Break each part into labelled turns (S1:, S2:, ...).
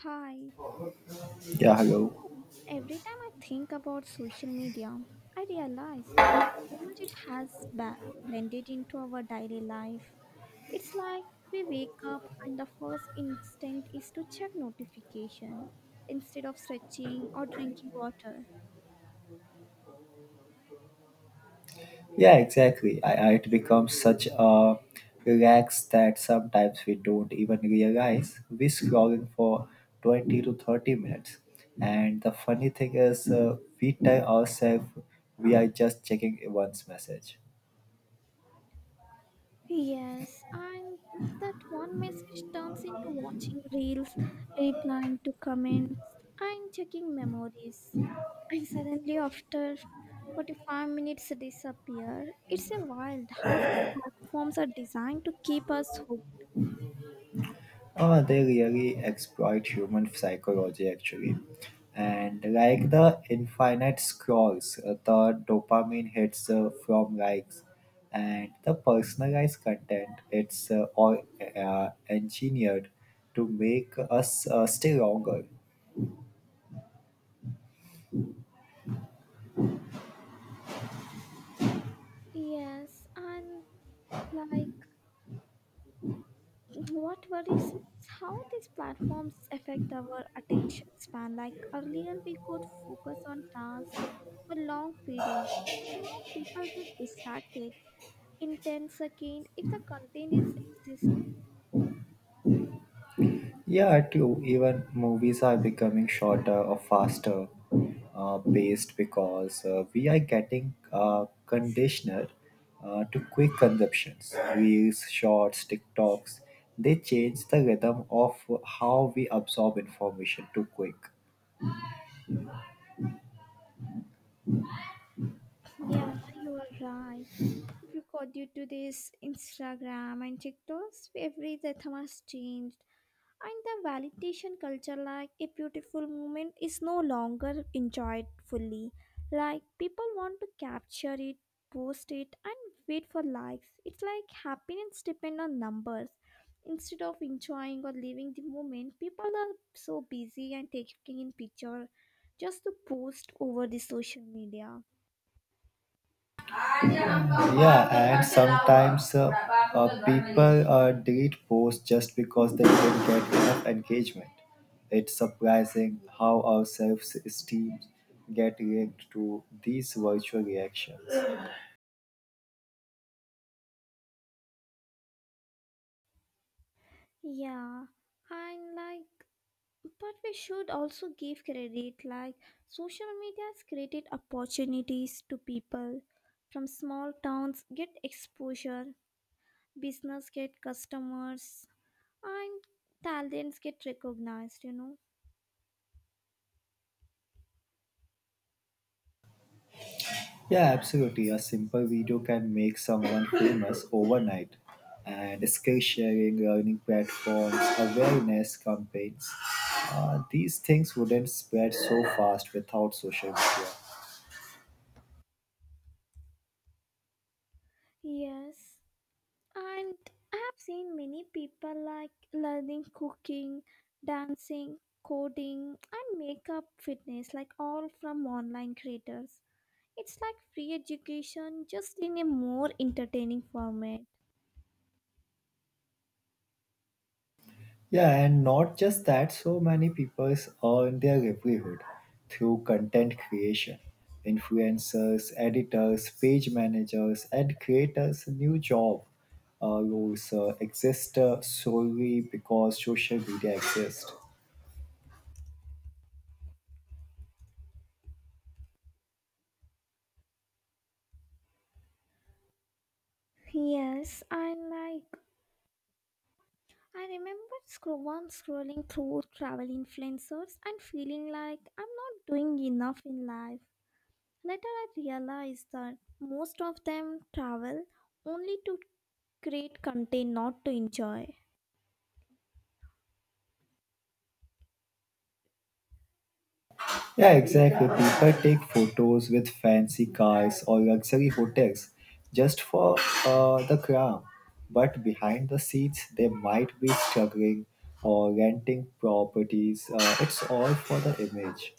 S1: Hi.
S2: Yeah, hello.
S1: Every time I think about social media, I realize how much it has blended into our daily life. It's like we wake up and the first instinct is to check notification instead of stretching or drinking water.
S2: Yeah, exactly. It becomes such a relax that sometimes we don't even realize we're scrolling for 20 to 30 minutes. And the funny thing is, we tell ourselves we are just checking one's message.
S1: Yes, and that one message turns into watching reels, replying to comments, and checking memories. And suddenly, after 45 minutes disappear, it's a wild how these platforms are designed to keep us hooked.
S2: They really exploit human psychology actually. And like the infinite scrolls, the dopamine hits from likes and the personalized content, it's all engineered to make us stay longer.
S1: Yes, and like What worries me is how these platforms affect our attention span. Like earlier, we could focus on tasks for long periods, but now people get distracted in 10 seconds if the content is exist.
S2: Yeah, too. Even movies are becoming shorter or faster paced because we are getting conditioned to quick consumptions. Reels, shorts, TikToks, they change the rhythm of how we absorb information too quick.
S1: Yeah, you are right. Because due to this Instagram and TikToks, every rhythm has changed. And the validation culture, like a beautiful moment, is no longer enjoyed fully. Like people want to capture it, post it, and wait for likes. It's like happiness depends on numbers. Instead of enjoying or living the moment, people are so busy and taking in picture just to post over the social media.
S2: Yeah, and sometimes people delete posts just because they didn't get enough engagement. It's surprising how our self-esteem get linked to these virtual reactions.
S1: Yeah, and like But we should also give credit, like social media has created opportunities to people from small towns get exposure, business get customers, and talents get recognized, you know.
S2: Yeah, absolutely. A simple video can make someone famous overnight. And skill sharing, learning platforms, awareness campaigns, these things wouldn't spread so fast without social media.
S1: Yes, and I have seen many people like learning cooking, dancing, coding, and makeup fitness, like all from online creators. It's like free education, just in a more entertaining format.
S2: Yeah, and not just that, so many people earn their livelihood through content creation. Influencers, editors, page managers, and creators, new job roles exist solely because social media exists.
S1: Yes. I remember once scrolling through travel influencers and feeling like I'm not doing enough in life. Later, I realized that most of them travel only to create content, not to enjoy.
S2: Yeah, exactly. People take photos with fancy cars or luxury hotels just for the crown. But behind the scenes, they might be struggling or renting properties. It's all for the image.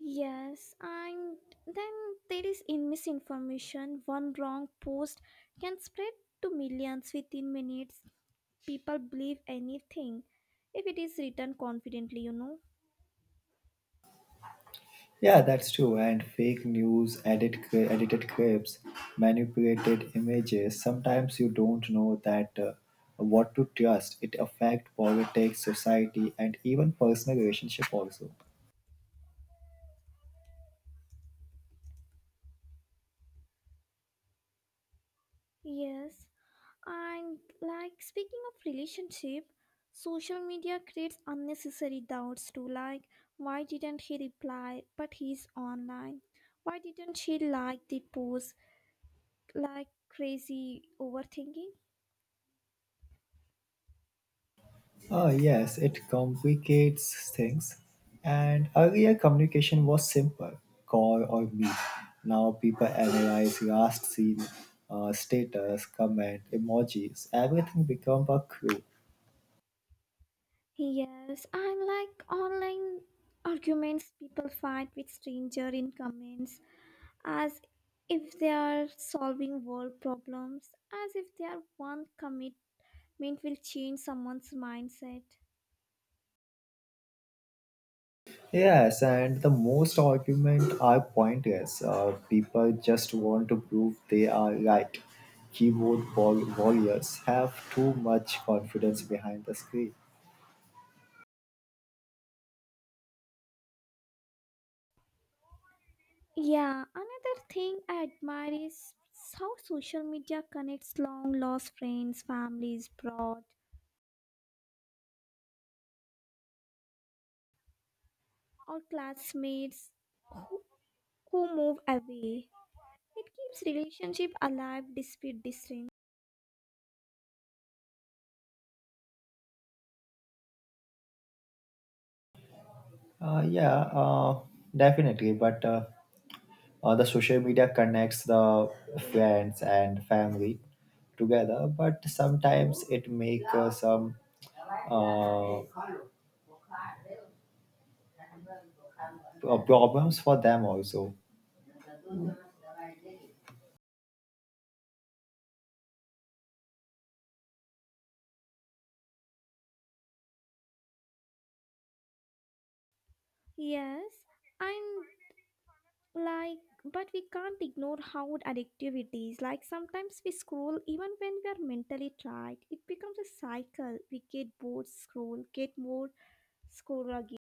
S1: Yes, and then there is in misinformation. One wrong post can spread to millions within minutes. People believe anything if it is written confidently, you know.
S2: Yeah, that's true. And fake news, edited clips, manipulated images. Sometimes you don't know that what to trust. It affects politics, society, and even personal relationship also.
S1: Yes, and like speaking of relationship, social media creates unnecessary doubts too. Like, why didn't he reply? But he's online. Why didn't she like the post? Like crazy overthinking.
S2: Ah, yes, it complicates things. And earlier communication was simple call or meet. Now people analyze last seen, status, comment, emojis, everything become a crew.
S1: Yes, I'm like online arguments people fight with stranger in comments as if they are solving world problems, as if their one commitment will change someone's mindset.
S2: Yes, and the most argument are pointless. People just want to prove they are right. Keyboard warriors have too much confidence behind the screen.
S1: Yeah, another thing I admire is how social media connects long lost friends, families, broad, or classmates who, who move away. It keeps relationship alive despite distance.
S2: Uh, yeah, uh, Definitely. But the social media connects the friends and family together, but sometimes it makes some uh, uh, problems for them also.
S1: Yes, and like but we can't ignore how addictive it is. Like sometimes we scroll even when we are mentally tired. It becomes a cycle. We get bored, scroll, get more, scroll again.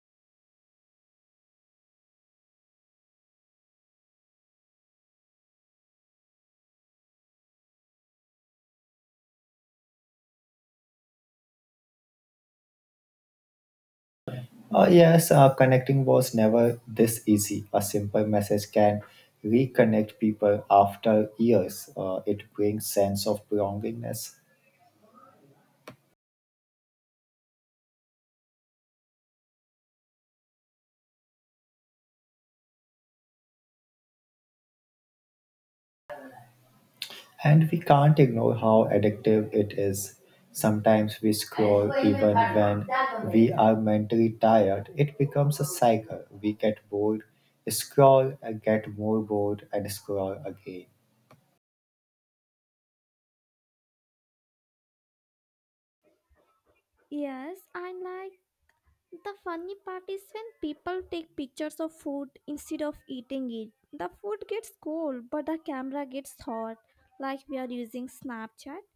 S2: Yes, connecting was never this easy. A simple message can reconnect people after years. It brings sense of belongingness. And we can't ignore how addictive it is. Sometimes we scroll even when we are mentally tired. It becomes a cycle. We get bored, scroll, and get more bored, and scroll again.
S1: Yes, and like the funny part is when people take pictures of food instead of eating it. The food gets cold but the camera gets hot, like we are using Snapchat.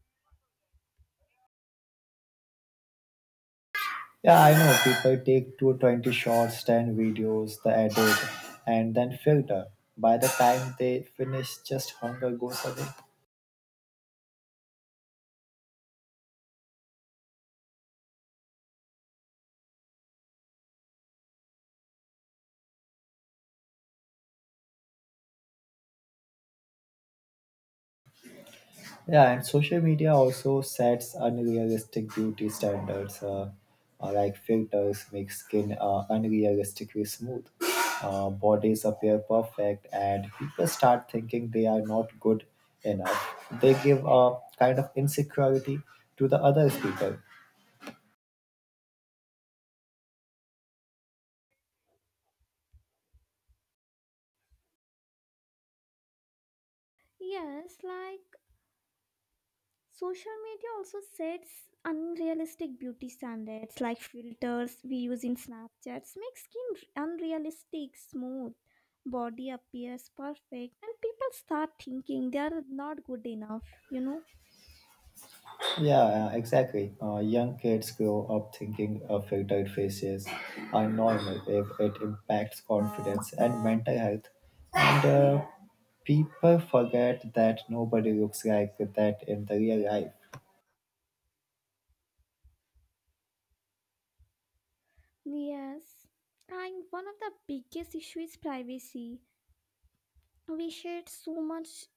S2: Yeah, I know people take 220 shots, 10 videos, the edit, and then filter. By the time they finish, just hunger goes away. Yeah, and social media also sets unrealistic beauty standards, like filters make skin unrealistically smooth, bodies appear perfect, and people start thinking they are not good enough. They give a kind of insecurity to the other people.
S1: Yes, like social media also sets unrealistic beauty standards like filters we use in Snapchats make skin unrealistic, smooth, body appears perfect, and people start thinking they are not good enough, you know?
S2: Yeah, yeah, exactly. Young kids grow up thinking filtered faces are normal if it impacts confidence and mental health. And people forget that nobody looks like that in the real life.
S1: Yes. And one of the biggest issues is privacy. We share so much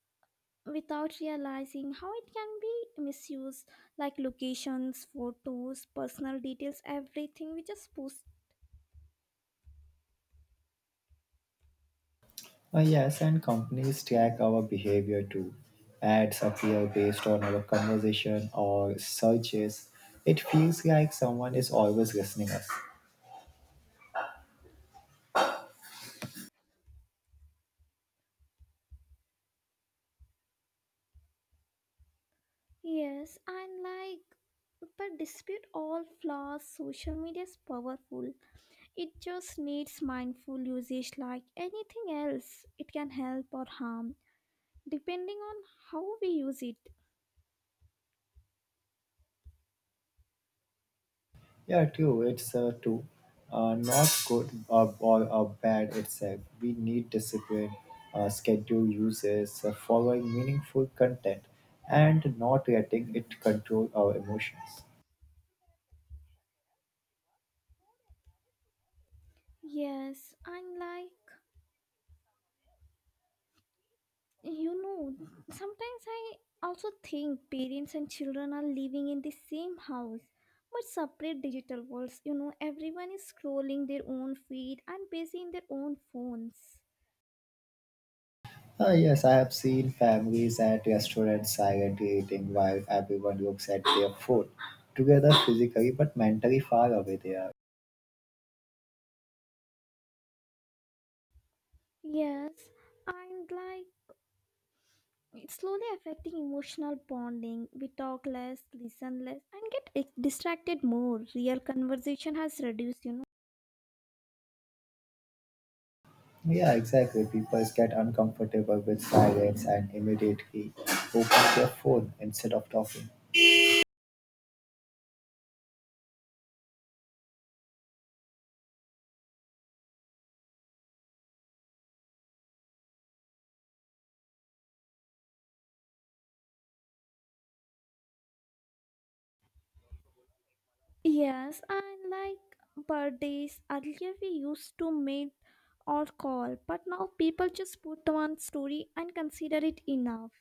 S1: without realizing how it can be misused, like locations, photos, personal details, everything we just post.
S2: Yes, and companies track our behavior too. Ads appear based on our conversation or searches. It feels like someone is always listening us.
S1: Yes, and like, but dispute all flaws, social media is powerful. It just needs mindful usage like anything else. It can help or harm, depending on how we use it.
S2: Yeah, true. It's true. Not good or bad itself. We need discipline, schedule uses, following meaningful content, and not letting it control our emotions.
S1: Yes, and like, you know, sometimes I also think parents and children are living in the same house. But separate digital worlds, everyone is scrolling their own feed and busy in their own phones.
S2: Ah yes, I have seen families at restaurants silently eating while everyone looks at their food, together physically but mentally far away they are.
S1: Yes, and like it's slowly affecting emotional bonding. We talk less, listen less, and get distracted more. Real conversation has reduced.
S2: Yeah, exactly. People get uncomfortable with silence and immediately open their phone instead of talking.
S1: Yes, and like birthdays, earlier we used to meet or call, but now people just put one story and consider it enough.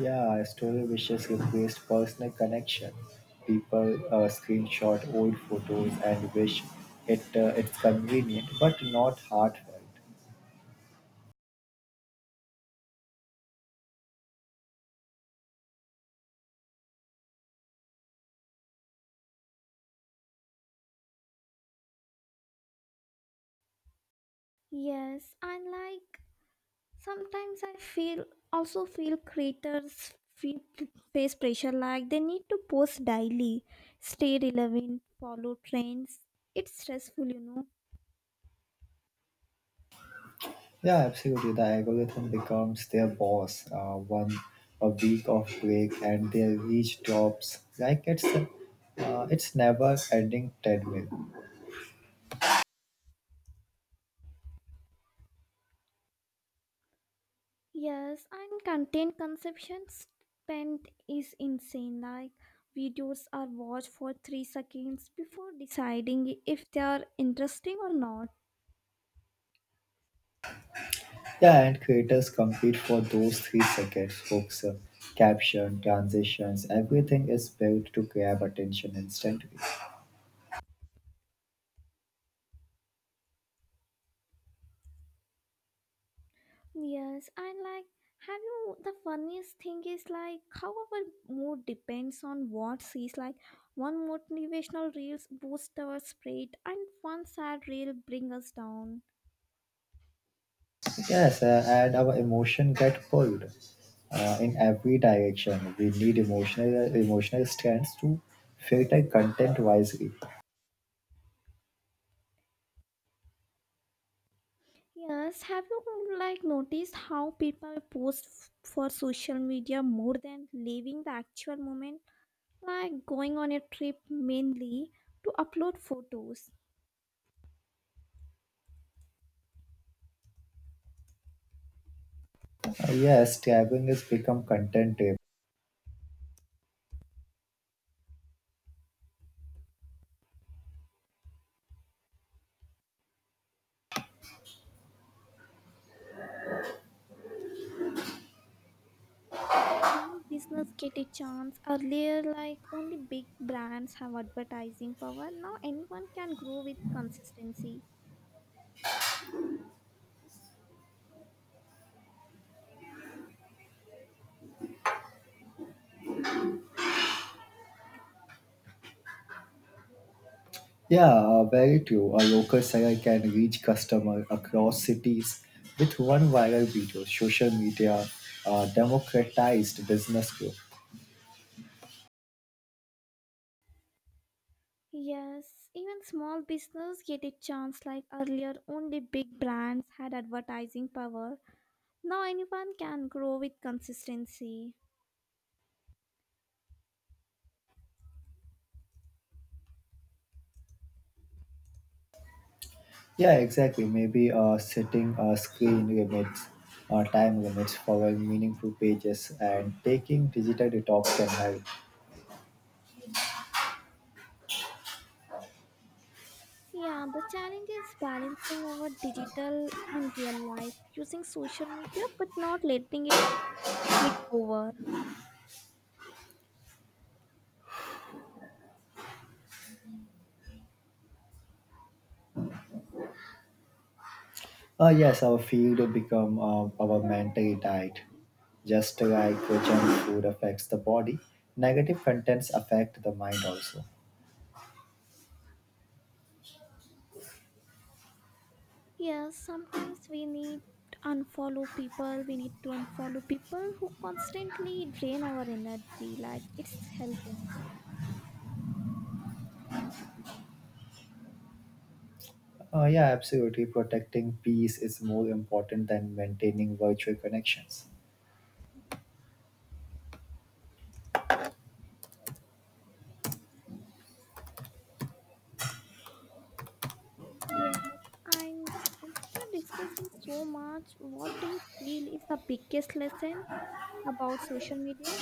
S2: Yeah, a story wishes replaced personal connection. People screenshot old photos and wish it it's convenient but not heartfelt.
S1: Yes, and like sometimes I feel also feel creators feel face pressure like they need to post daily, stay relevant, follow trends. It's stressful.
S2: Yeah, absolutely. The algorithm becomes their boss. One a week of break and their reach drops like it's never ending treadmill.
S1: Yes, and content consumption spent is insane. Like videos are watched for 3 seconds before deciding if they are interesting or not.
S2: Yeah, and creators compete for those 3 seconds. Hooks, caption, transitions, everything is built to grab attention instantly.
S1: Yes, and like, have you the funniest thing is like how our mood depends on what sees. Like, one motivational reels boost our spirit, and one sad reel bring us down.
S2: Yes, and our emotion get pulled in every direction. We need emotional strands to filter content wisely.
S1: Yes, have you like noticed how people post for social media more than living the actual moment? Like going on a trip mainly to upload photos.
S2: Yes, traveling has become content driven.
S1: Even small business get a chance. Earlier, like only big brands have advertising power. Now anyone can grow with consistency.
S2: Yeah, very true. A local seller can reach customer across cities with one viral video. Social media democratized business growth.
S1: Yes, even small business get a chance. Like earlier, only big brands had advertising power. Now anyone can grow with consistency.
S2: Yeah, exactly. Maybe setting screen limits, time limits, following meaningful pages, and taking digital detox can help.
S1: Yeah, the challenge is balancing our digital and real life using social media but not letting it take over.
S2: Yes, our field become our mental diet. Just like junk food affects the body, negative contents affect the mind also.
S1: Yes, sometimes we need to unfollow people who constantly drain our energy. Like it's healthy.
S2: Yeah, absolutely. Protecting peace is more important than maintaining virtual connections.
S1: Yes, and after discussing so much, what do you feel is the biggest lesson about social media?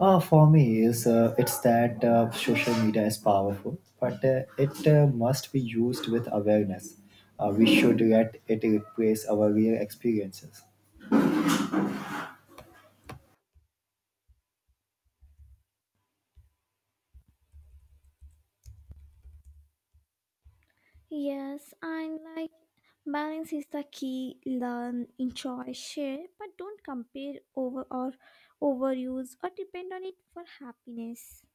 S2: For me, is it's that social media is powerful, but it must be used with awareness. We should let it replace our real experiences.
S1: Yes, and like balance is the key. Learn, enjoy, share, but don't compare over or overuse or depend on it for happiness.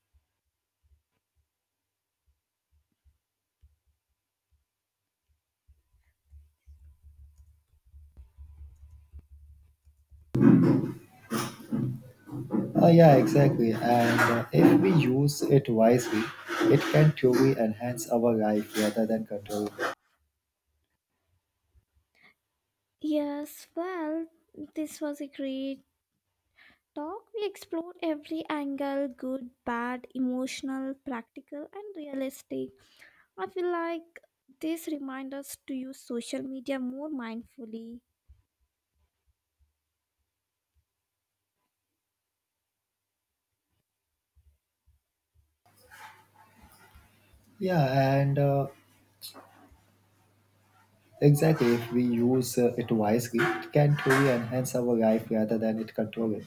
S2: Yeah, exactly. And if we use it wisely, it can truly enhance our life rather than control.
S1: Yes, well, this was a great talk. We explored every angle good, bad, emotional, practical, and realistic. I feel like this reminds us to use social media more mindfully.
S2: Yeah, and exactly. If we use it wisely, it can truly enhance our life rather than it control it.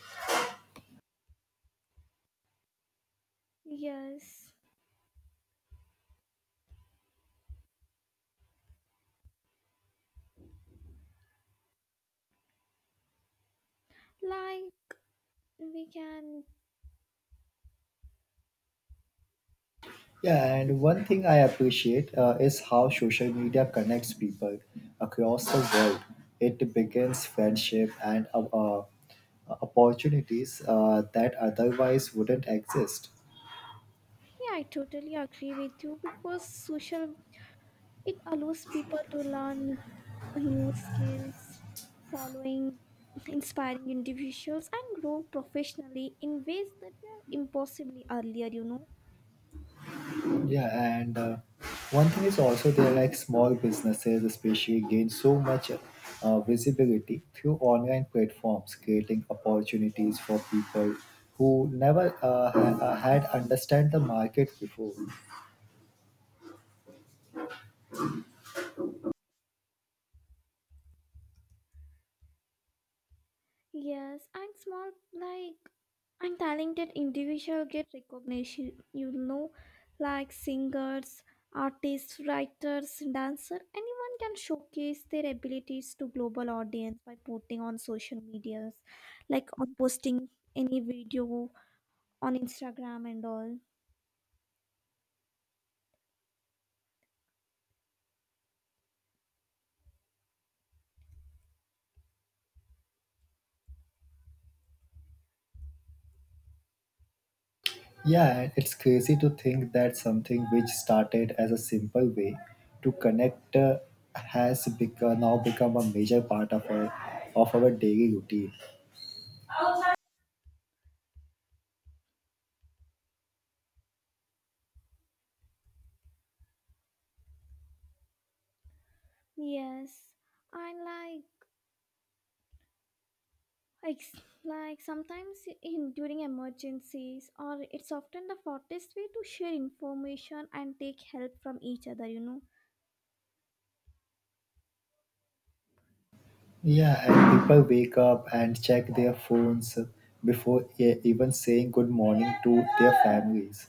S1: Yes, like we can.
S2: Yeah,
S1: Yeah,
S2: and one thing I appreciate is how social media connects people across the world. It begins friendship and opportunities that otherwise wouldn't exist.
S1: I totally agree with you because social. It allows people to learn new skills, following inspiring individuals, and grow professionally in ways that were impossibly earlier.
S2: Yeah, and one thing is also there like small businesses, especially gain so much visibility through online platforms, creating opportunities for people who never had understand the market before.
S1: Yes, and small, like, and talented individuals get recognition, like singers, artists, writers, dancers. Anyone can showcase their abilities to global audience by posting on social medias, like on posting any video on Instagram and all.
S2: Yeah, and it's crazy to think that something which started as a simple way to connect has now become a major part of our daily routine.
S1: Yes, and like like sometimes in during emergencies or it's often the fastest way to share information and take help from each other, you know.
S2: Yeah, and people wake up and check their phones before even saying good morning to their families.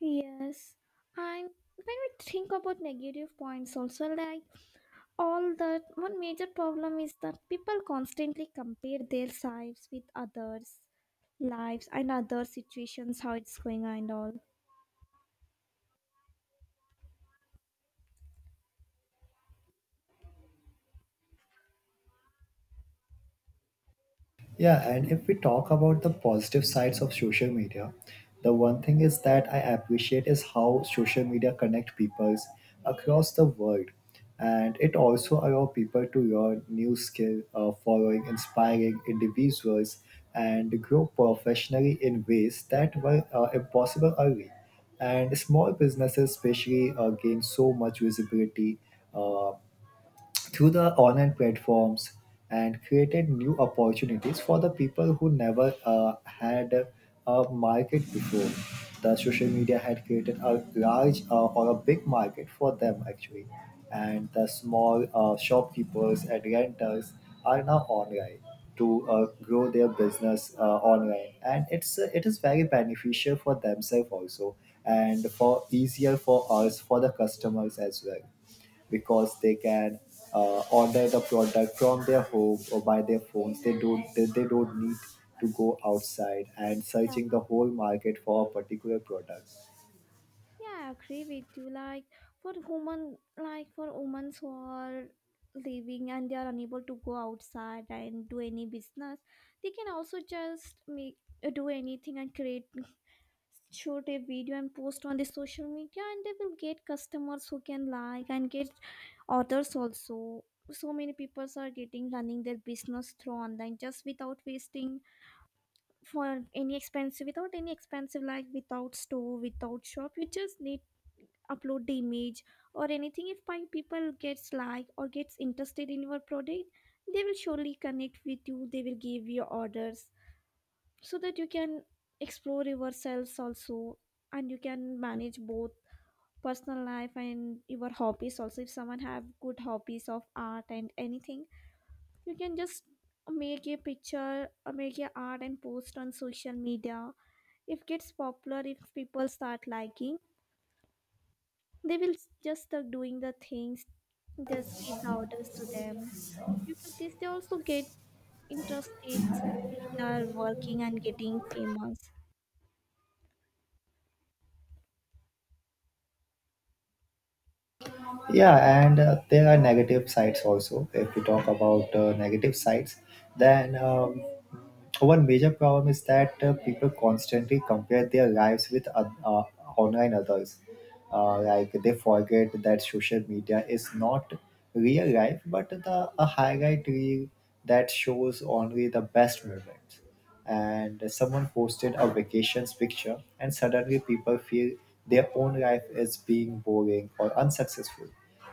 S1: Yes, and when we think about negative points also like all that one major problem is that people constantly compare their lives with others lives and other situations how it's going and all.
S2: Yeah, and if we talk about the positive sides of social media, the one thing is that I appreciate is how social media connect peoples across the world. And it also allow people to learn new skill, following inspiring individuals and grow professionally in ways that were impossible early. And small businesses especially gain so much visibility uh, through the online platforms and created new opportunities for the people who never had a market before. The social media had created a large or a big market for them actually, and the small shopkeepers and renters are now online to grow their business online, and it is very beneficial for themselves also, and for easier for us for the customers as well because they can order the product from their home or by their phones. They don't need to go outside and searching
S1: Yeah.
S2: the whole market for a particular product.
S1: Yeah, I agree with you. Like for women who are living and they are unable to go outside and do any business, they can also just make do anything and create shoot a video and post on the social media and they will get customers who can like and get orders also. So many people are getting running their business through online just without wasting for any expensive, without any expensive, like without store, without shop, you just need upload the image or anything. If my people gets like or gets interested in your product, they will surely connect with you. They will give you orders so that you can explore yourselves also, and you can manage both personal life and your hobbies also. If someone have good hobbies of art and anything, you can just make a picture or make a art and post on social media. If gets popular, if people start liking, they will just start doing the things, just give the orders to them. Due to this, they also get interested, that they are working and getting famous.
S2: Yeah and there are negative sides also. If we talk about negative sides, then one major problem is that people constantly compare their lives with online others. Like, they forget that social media is not real life but the a highlight reel that shows only the best moments. And someone posted a vacations picture and suddenly people feel their own life is being boring or unsuccessful.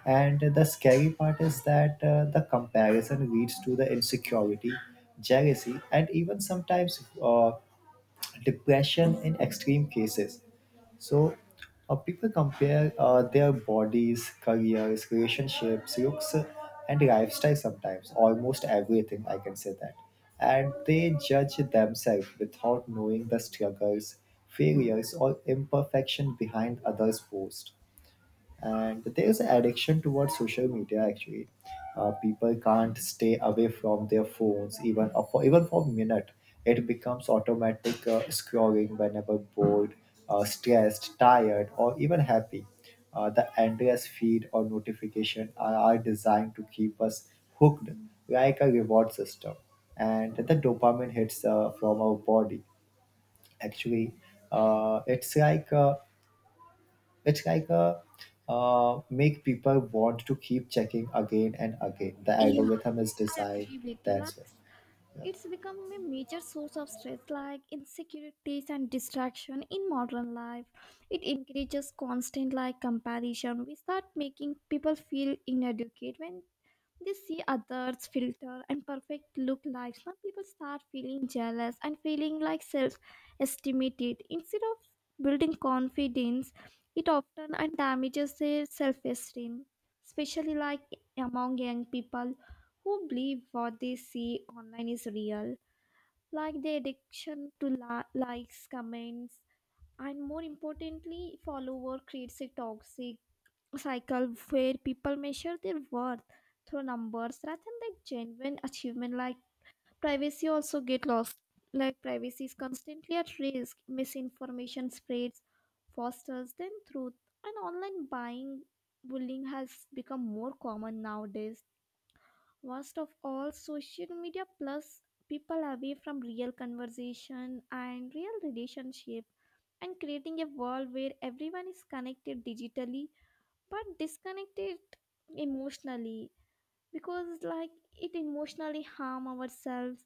S2: And the scary part is that the comparison leads to the insecurity, jealousy, and even sometimes depression in extreme cases. So people compare their bodies, careers, relationships, looks, and lifestyle sometimes, almost everything, I can say that. And they judge themselves without knowing the struggles, failures, or imperfection behind others' posts. And there's an addiction towards social media actually. People can't stay away from their phones even for a minute. It becomes automatic scrolling whenever bored, stressed, tired, or even happy. The endless feed or notification are designed to keep us hooked like a reward system. And the dopamine hits from our body actually, uh, it's like uh, it's like a, make people want to keep checking again and again. The
S1: Yeah,
S2: algorithm is
S1: I
S2: designed
S1: agree with you. Like,
S2: that's it.
S1: it's become a major source of stress, like insecurities and distraction in modern life. It encourages constant like comparison. We start making people feel inadequate when they see others' filter and perfect look lives. Now people start feeling jealous and feeling like self estimated. Instead of building confidence, it often and damages their self esteem, especially like among young people who believe what they see online is real. Like the addiction to likes, comments, and more importantly, follower creates a toxic cycle where people measure their worth through numbers rather than like genuine achievement. Like privacy also get lost, like privacy is constantly at risk. Misinformation spreads fosters than truth, and online buying bullying has become more common nowadays. Worst of all, social media plus people away from real conversation and real relationship, and creating a world where everyone is connected digitally but disconnected emotionally. Because like it emotionally harm ourselves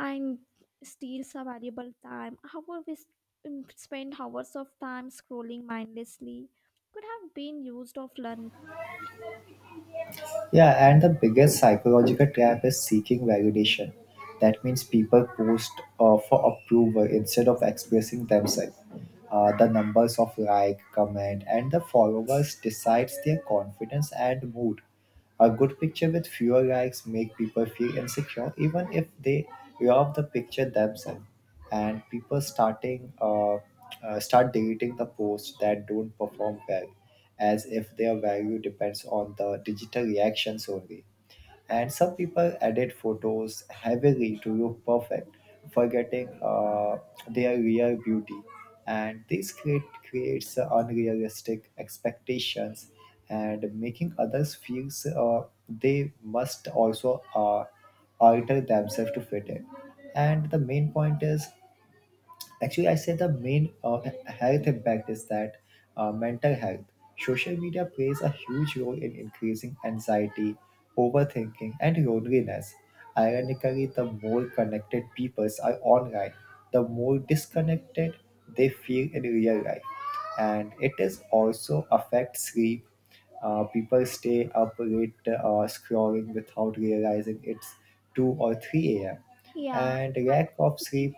S1: and steals our valuable time. However, spend hours of time scrolling mindlessly could have been used of learning.
S2: Yeah, and the biggest psychological trap is seeking validation. That means people post for approval instead of expressing themselves. The numbers of like, comment, and the followers decides their confidence and mood. A good picture with fewer likes make people feel insecure, even if they love the picture themselves. And people start deleting the posts that don't perform well as if their value depends on the digital reactions only. And some people edit photos heavily to look perfect, forgetting their real beauty. And creates unrealistic expectations and making others feel they must also alter themselves to fit in. And the main point is actually, I say the main health impact is that mental health. Social media plays a huge role in increasing anxiety, overthinking, and loneliness. Ironically, the more connected peoples are online, the more disconnected they feel in real life. And it is also affects sleep. People stay up late scrolling without realizing it's 2 or 3 a.m.
S1: Yeah,
S2: And
S1: I
S2: lack of
S1: got to
S2: sleep,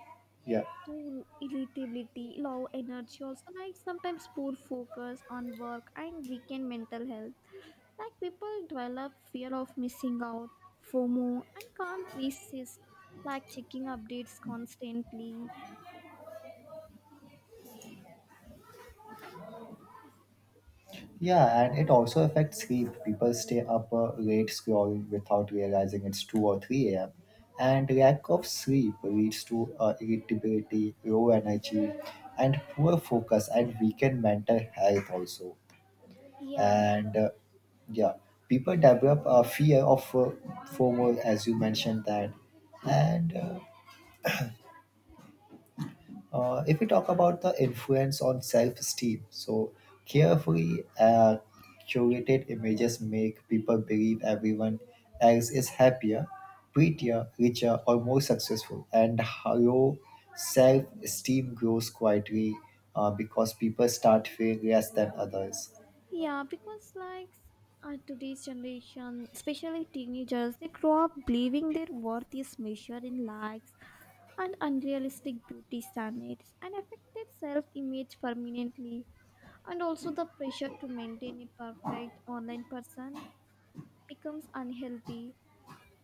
S2: yeah,
S1: too irritability, low energy, also like sometimes poor focus on work and weakened mental health. Like people develop fear of missing out, FOMO, and can't resist like checking updates constantly.
S2: yeah, and it also affects sleep. People stay up late scrolling without realizing it's 2 or 3 a.m. And lack of sleep leads to irritability, low energy, and poor focus and weakened mental health also.
S1: Yeah,
S2: And uh, yeah, People develop a fear of FOMO, as you mentioned that. And If we talk about the influence on self-esteem, so carefully curated images make people believe everyone else is happier, prettier, richer, or more successful, and how low self-esteem grows quietly because people start feeling less than others.
S1: yeah, because like today's generation, especially teenagers, they grow up believing their worth is measured in likes and unrealistic beauty standards and affect their self image permanently. And also, the pressure to maintain a perfect online person becomes unhealthy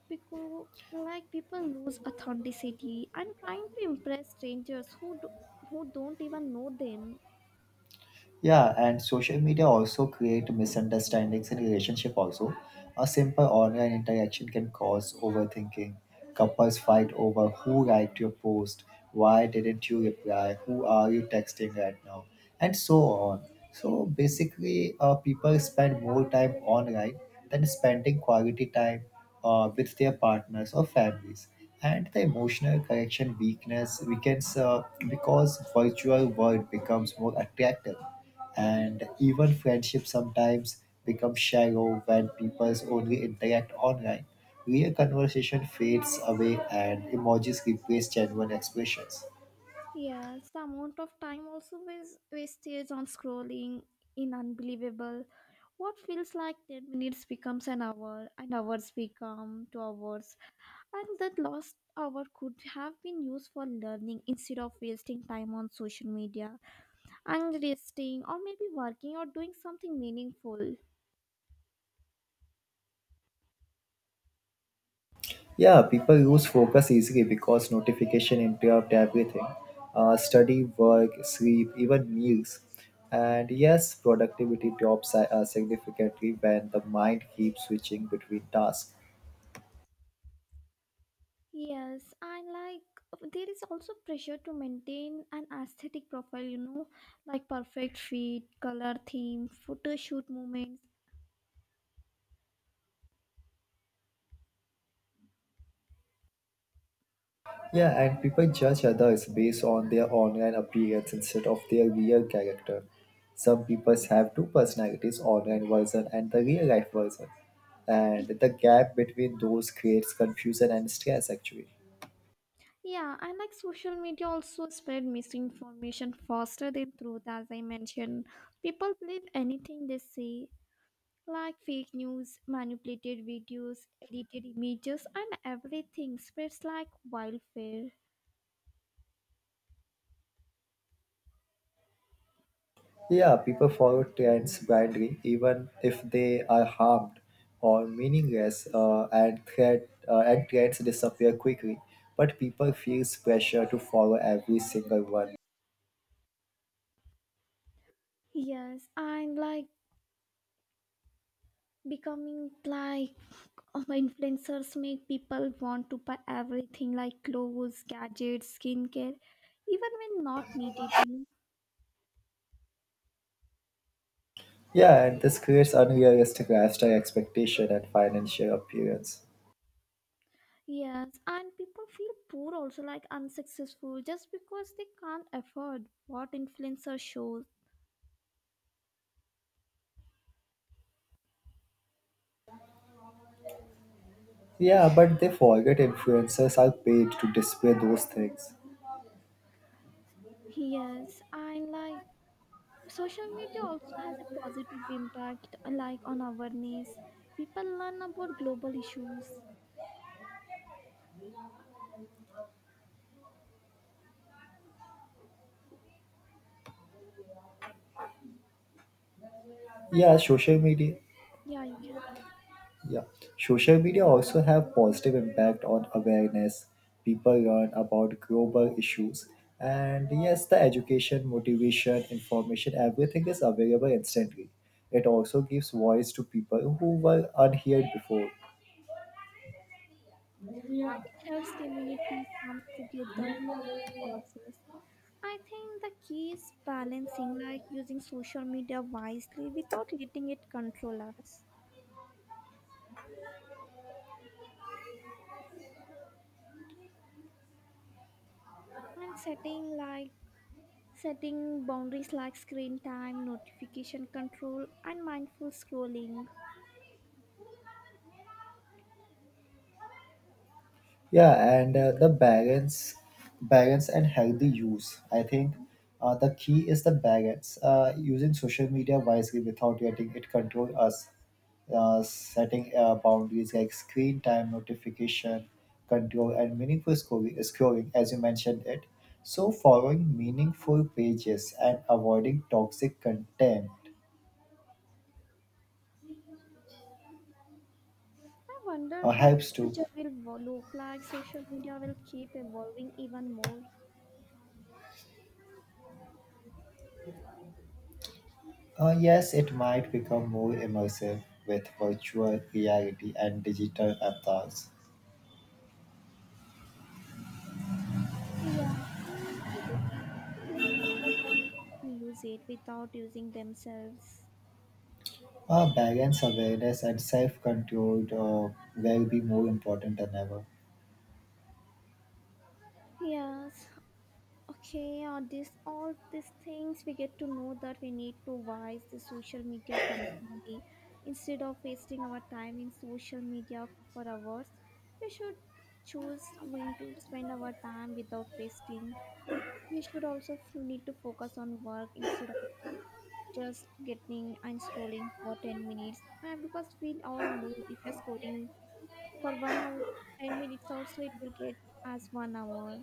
S1: because people lose authenticity and trying to impress strangers who don't even know them.
S2: Yeah, and social media also create misunderstandings in relationship also. A simple online interaction can cause overthinking. Couples fight over who liked your post, why didn't you reply, who are you texting right now, and so on. So basically, people spend more time online than spending quality time with their partners or families. And the emotional connection weakness weakens because virtual world becomes more attractive, and even friendship sometimes becomes shallow when people only interact online. Real conversation fades away and emojis replace genuine expressions.
S1: Yes, the amount of time also was wasted on scrolling in unbelievable. What feels like 10 minutes becomes an hour, and hours become 2 hours, and that lost hour could have been used for learning instead of wasting time on social media and resting, or maybe working or doing something meaningful.
S2: Yeah, people lose focus easily because notification interrupt everything. Study, work, sleep, even meals. And yes, productivity drops significantly when the mind keeps switching between tasks.
S1: Yes, and there is also pressure to maintain an aesthetic profile, like perfect fit, color theme, photo shoot moments.
S2: Yeah, and people judge others based on their online appearance instead of their real character. Some people have two personalities, online version and the real life version. And the gap between those creates confusion and stress actually.
S1: Yeah, and social media also spread misinformation faster than truth, as I mentioned. People believe anything they see, like fake news, manipulated videos, edited images, and everything spreads like wildfire.
S2: Yeah, people follow trends blindly even if they are harmed or meaningless and threat and trends disappear quickly. But people feels pressure to follow every single one.
S1: Yes, and like becoming like influencers make people want to buy everything like clothes, gadgets, skincare, even when not needed.
S2: Yeah, and this creates unrealistic lifestyle expectation and financial appearance.
S1: Yes, and people feel poor also, like unsuccessful, just because they can't afford what influencer shows.
S2: Yeah, but they forget influencers are paid to display those things.
S1: Yes, and social media also has a positive impact, like on awareness. People learn about global issues. And
S2: Yeah,
S1: like
S2: social media.
S1: yeah you can
S2: Yeah, social media also have positive impact on awareness. People learn about global issues, and yes, the education, motivation, information, everything is available instantly. It also gives voice to people who were unheard before.
S1: or it helps communities come together for food causes. I think the key is balancing, like using social media wisely without letting it control us, and setting boundaries like screen time, notification control, and mindful scrolling.
S2: Yeah,
S1: I
S2: and uh,
S1: think-
S2: the balance, Balance and healthy use. I think the key is the balance. Using social media wisely without letting it control us. Setting boundaries like screen time, notification control, and meaningful scrolling, as you mentioned it. So following meaningful pages and avoiding toxic content
S1: I wonder how the
S2: helps too.
S1: future will look like. Social media will keep evolving even more.
S2: Yes, it might become more immersive with virtual reality and digital avatars.
S1: Yeah, and I just hope people learn how to use it without using themselves.
S2: Balance, awareness, and self control will be more important than ever.
S1: Yes, okay, this all these things we get to know that we need to wise the social media constantly. Instead of wasting our time in social media for hours, we should choose when to spend our time without wasting. We should also need to focus on work instead of just getting and scrolling for 10 minutes. Because we all know if you're scrolling for 1 hour, 10 minutes also it will get as 1 hour.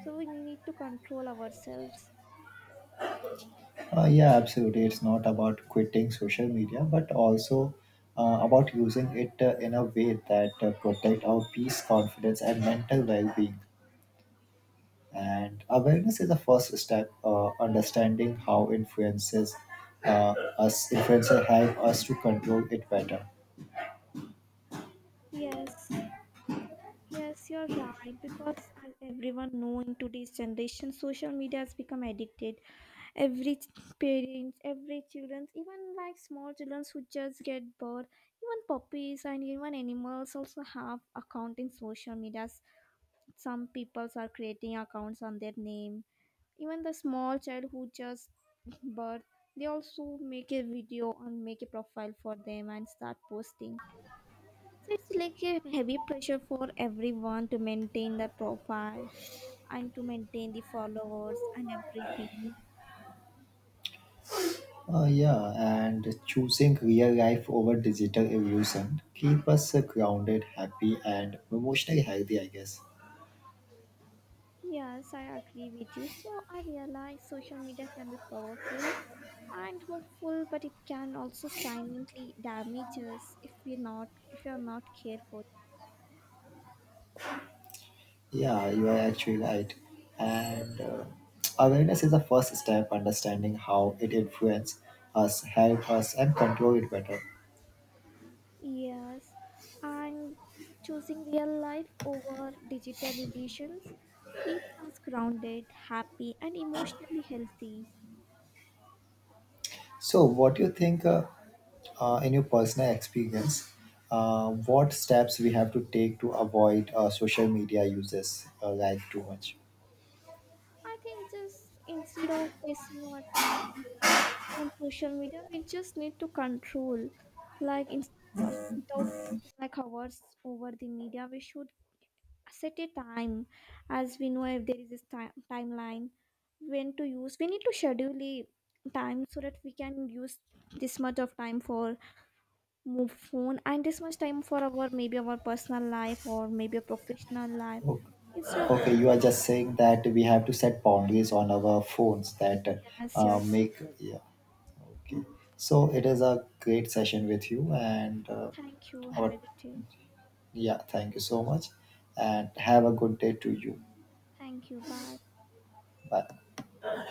S1: So we need to control ourselves.
S2: Yeah, absolutely. It's not about quitting social media, but also about using it in a way that protect our peace, confidence, and mental well being. And awareness is the first step, understanding how influences us, influencer help us to control it better.
S1: Yes, yes, you're right. Because as everyone know in today's generation, social media has become addicted. Every ch- Parents, every children, even like small children who just get bored, even puppies and even animals also have account in social medias. Some peoples are creating accounts on their name. Even the small child who just birth, they also make a video and make a profile for them and start posting. Heavy pressure for everyone to maintain the profile and to maintain the followers and everything.
S2: Yeah, and choosing real life over digital illusion keep us grounded, happy, and emotionally healthy. I guess.
S1: Yes, I agree with you. So I realize social media can be powerful and hopeful, but it can also silently damage us if we not if you are not careful.
S2: Yeah, you are actually right. And Awareness is the first step. Understanding how it influences us, help us, and control it better.
S1: Yes, and choosing real life over digital illusions keeps us grounded, happy, and emotionally healthy.
S2: So, what do you think, in your personal experience, what steps we have to take to avoid social media uses like too much?
S1: I think just instead of wasting our time on social media, we just need to control, like in, without wasting like hours over the media, we should set a time, as we know if there is a time timeline when to use. We need to schedule a time so that we can use this much of time for move phone and this much time for our maybe our personal life or maybe a professional life instead of
S2: Okay, you are just saying that we have to set boundaries on our phones that
S1: yes, you're.
S2: make yeah. Okay, so it is a great session with you, and
S1: Thank you. Have
S2: our
S1: a good day.
S2: yeah, thank you so much, and have a good day to you.
S1: Thank you. Bye.
S2: Bye.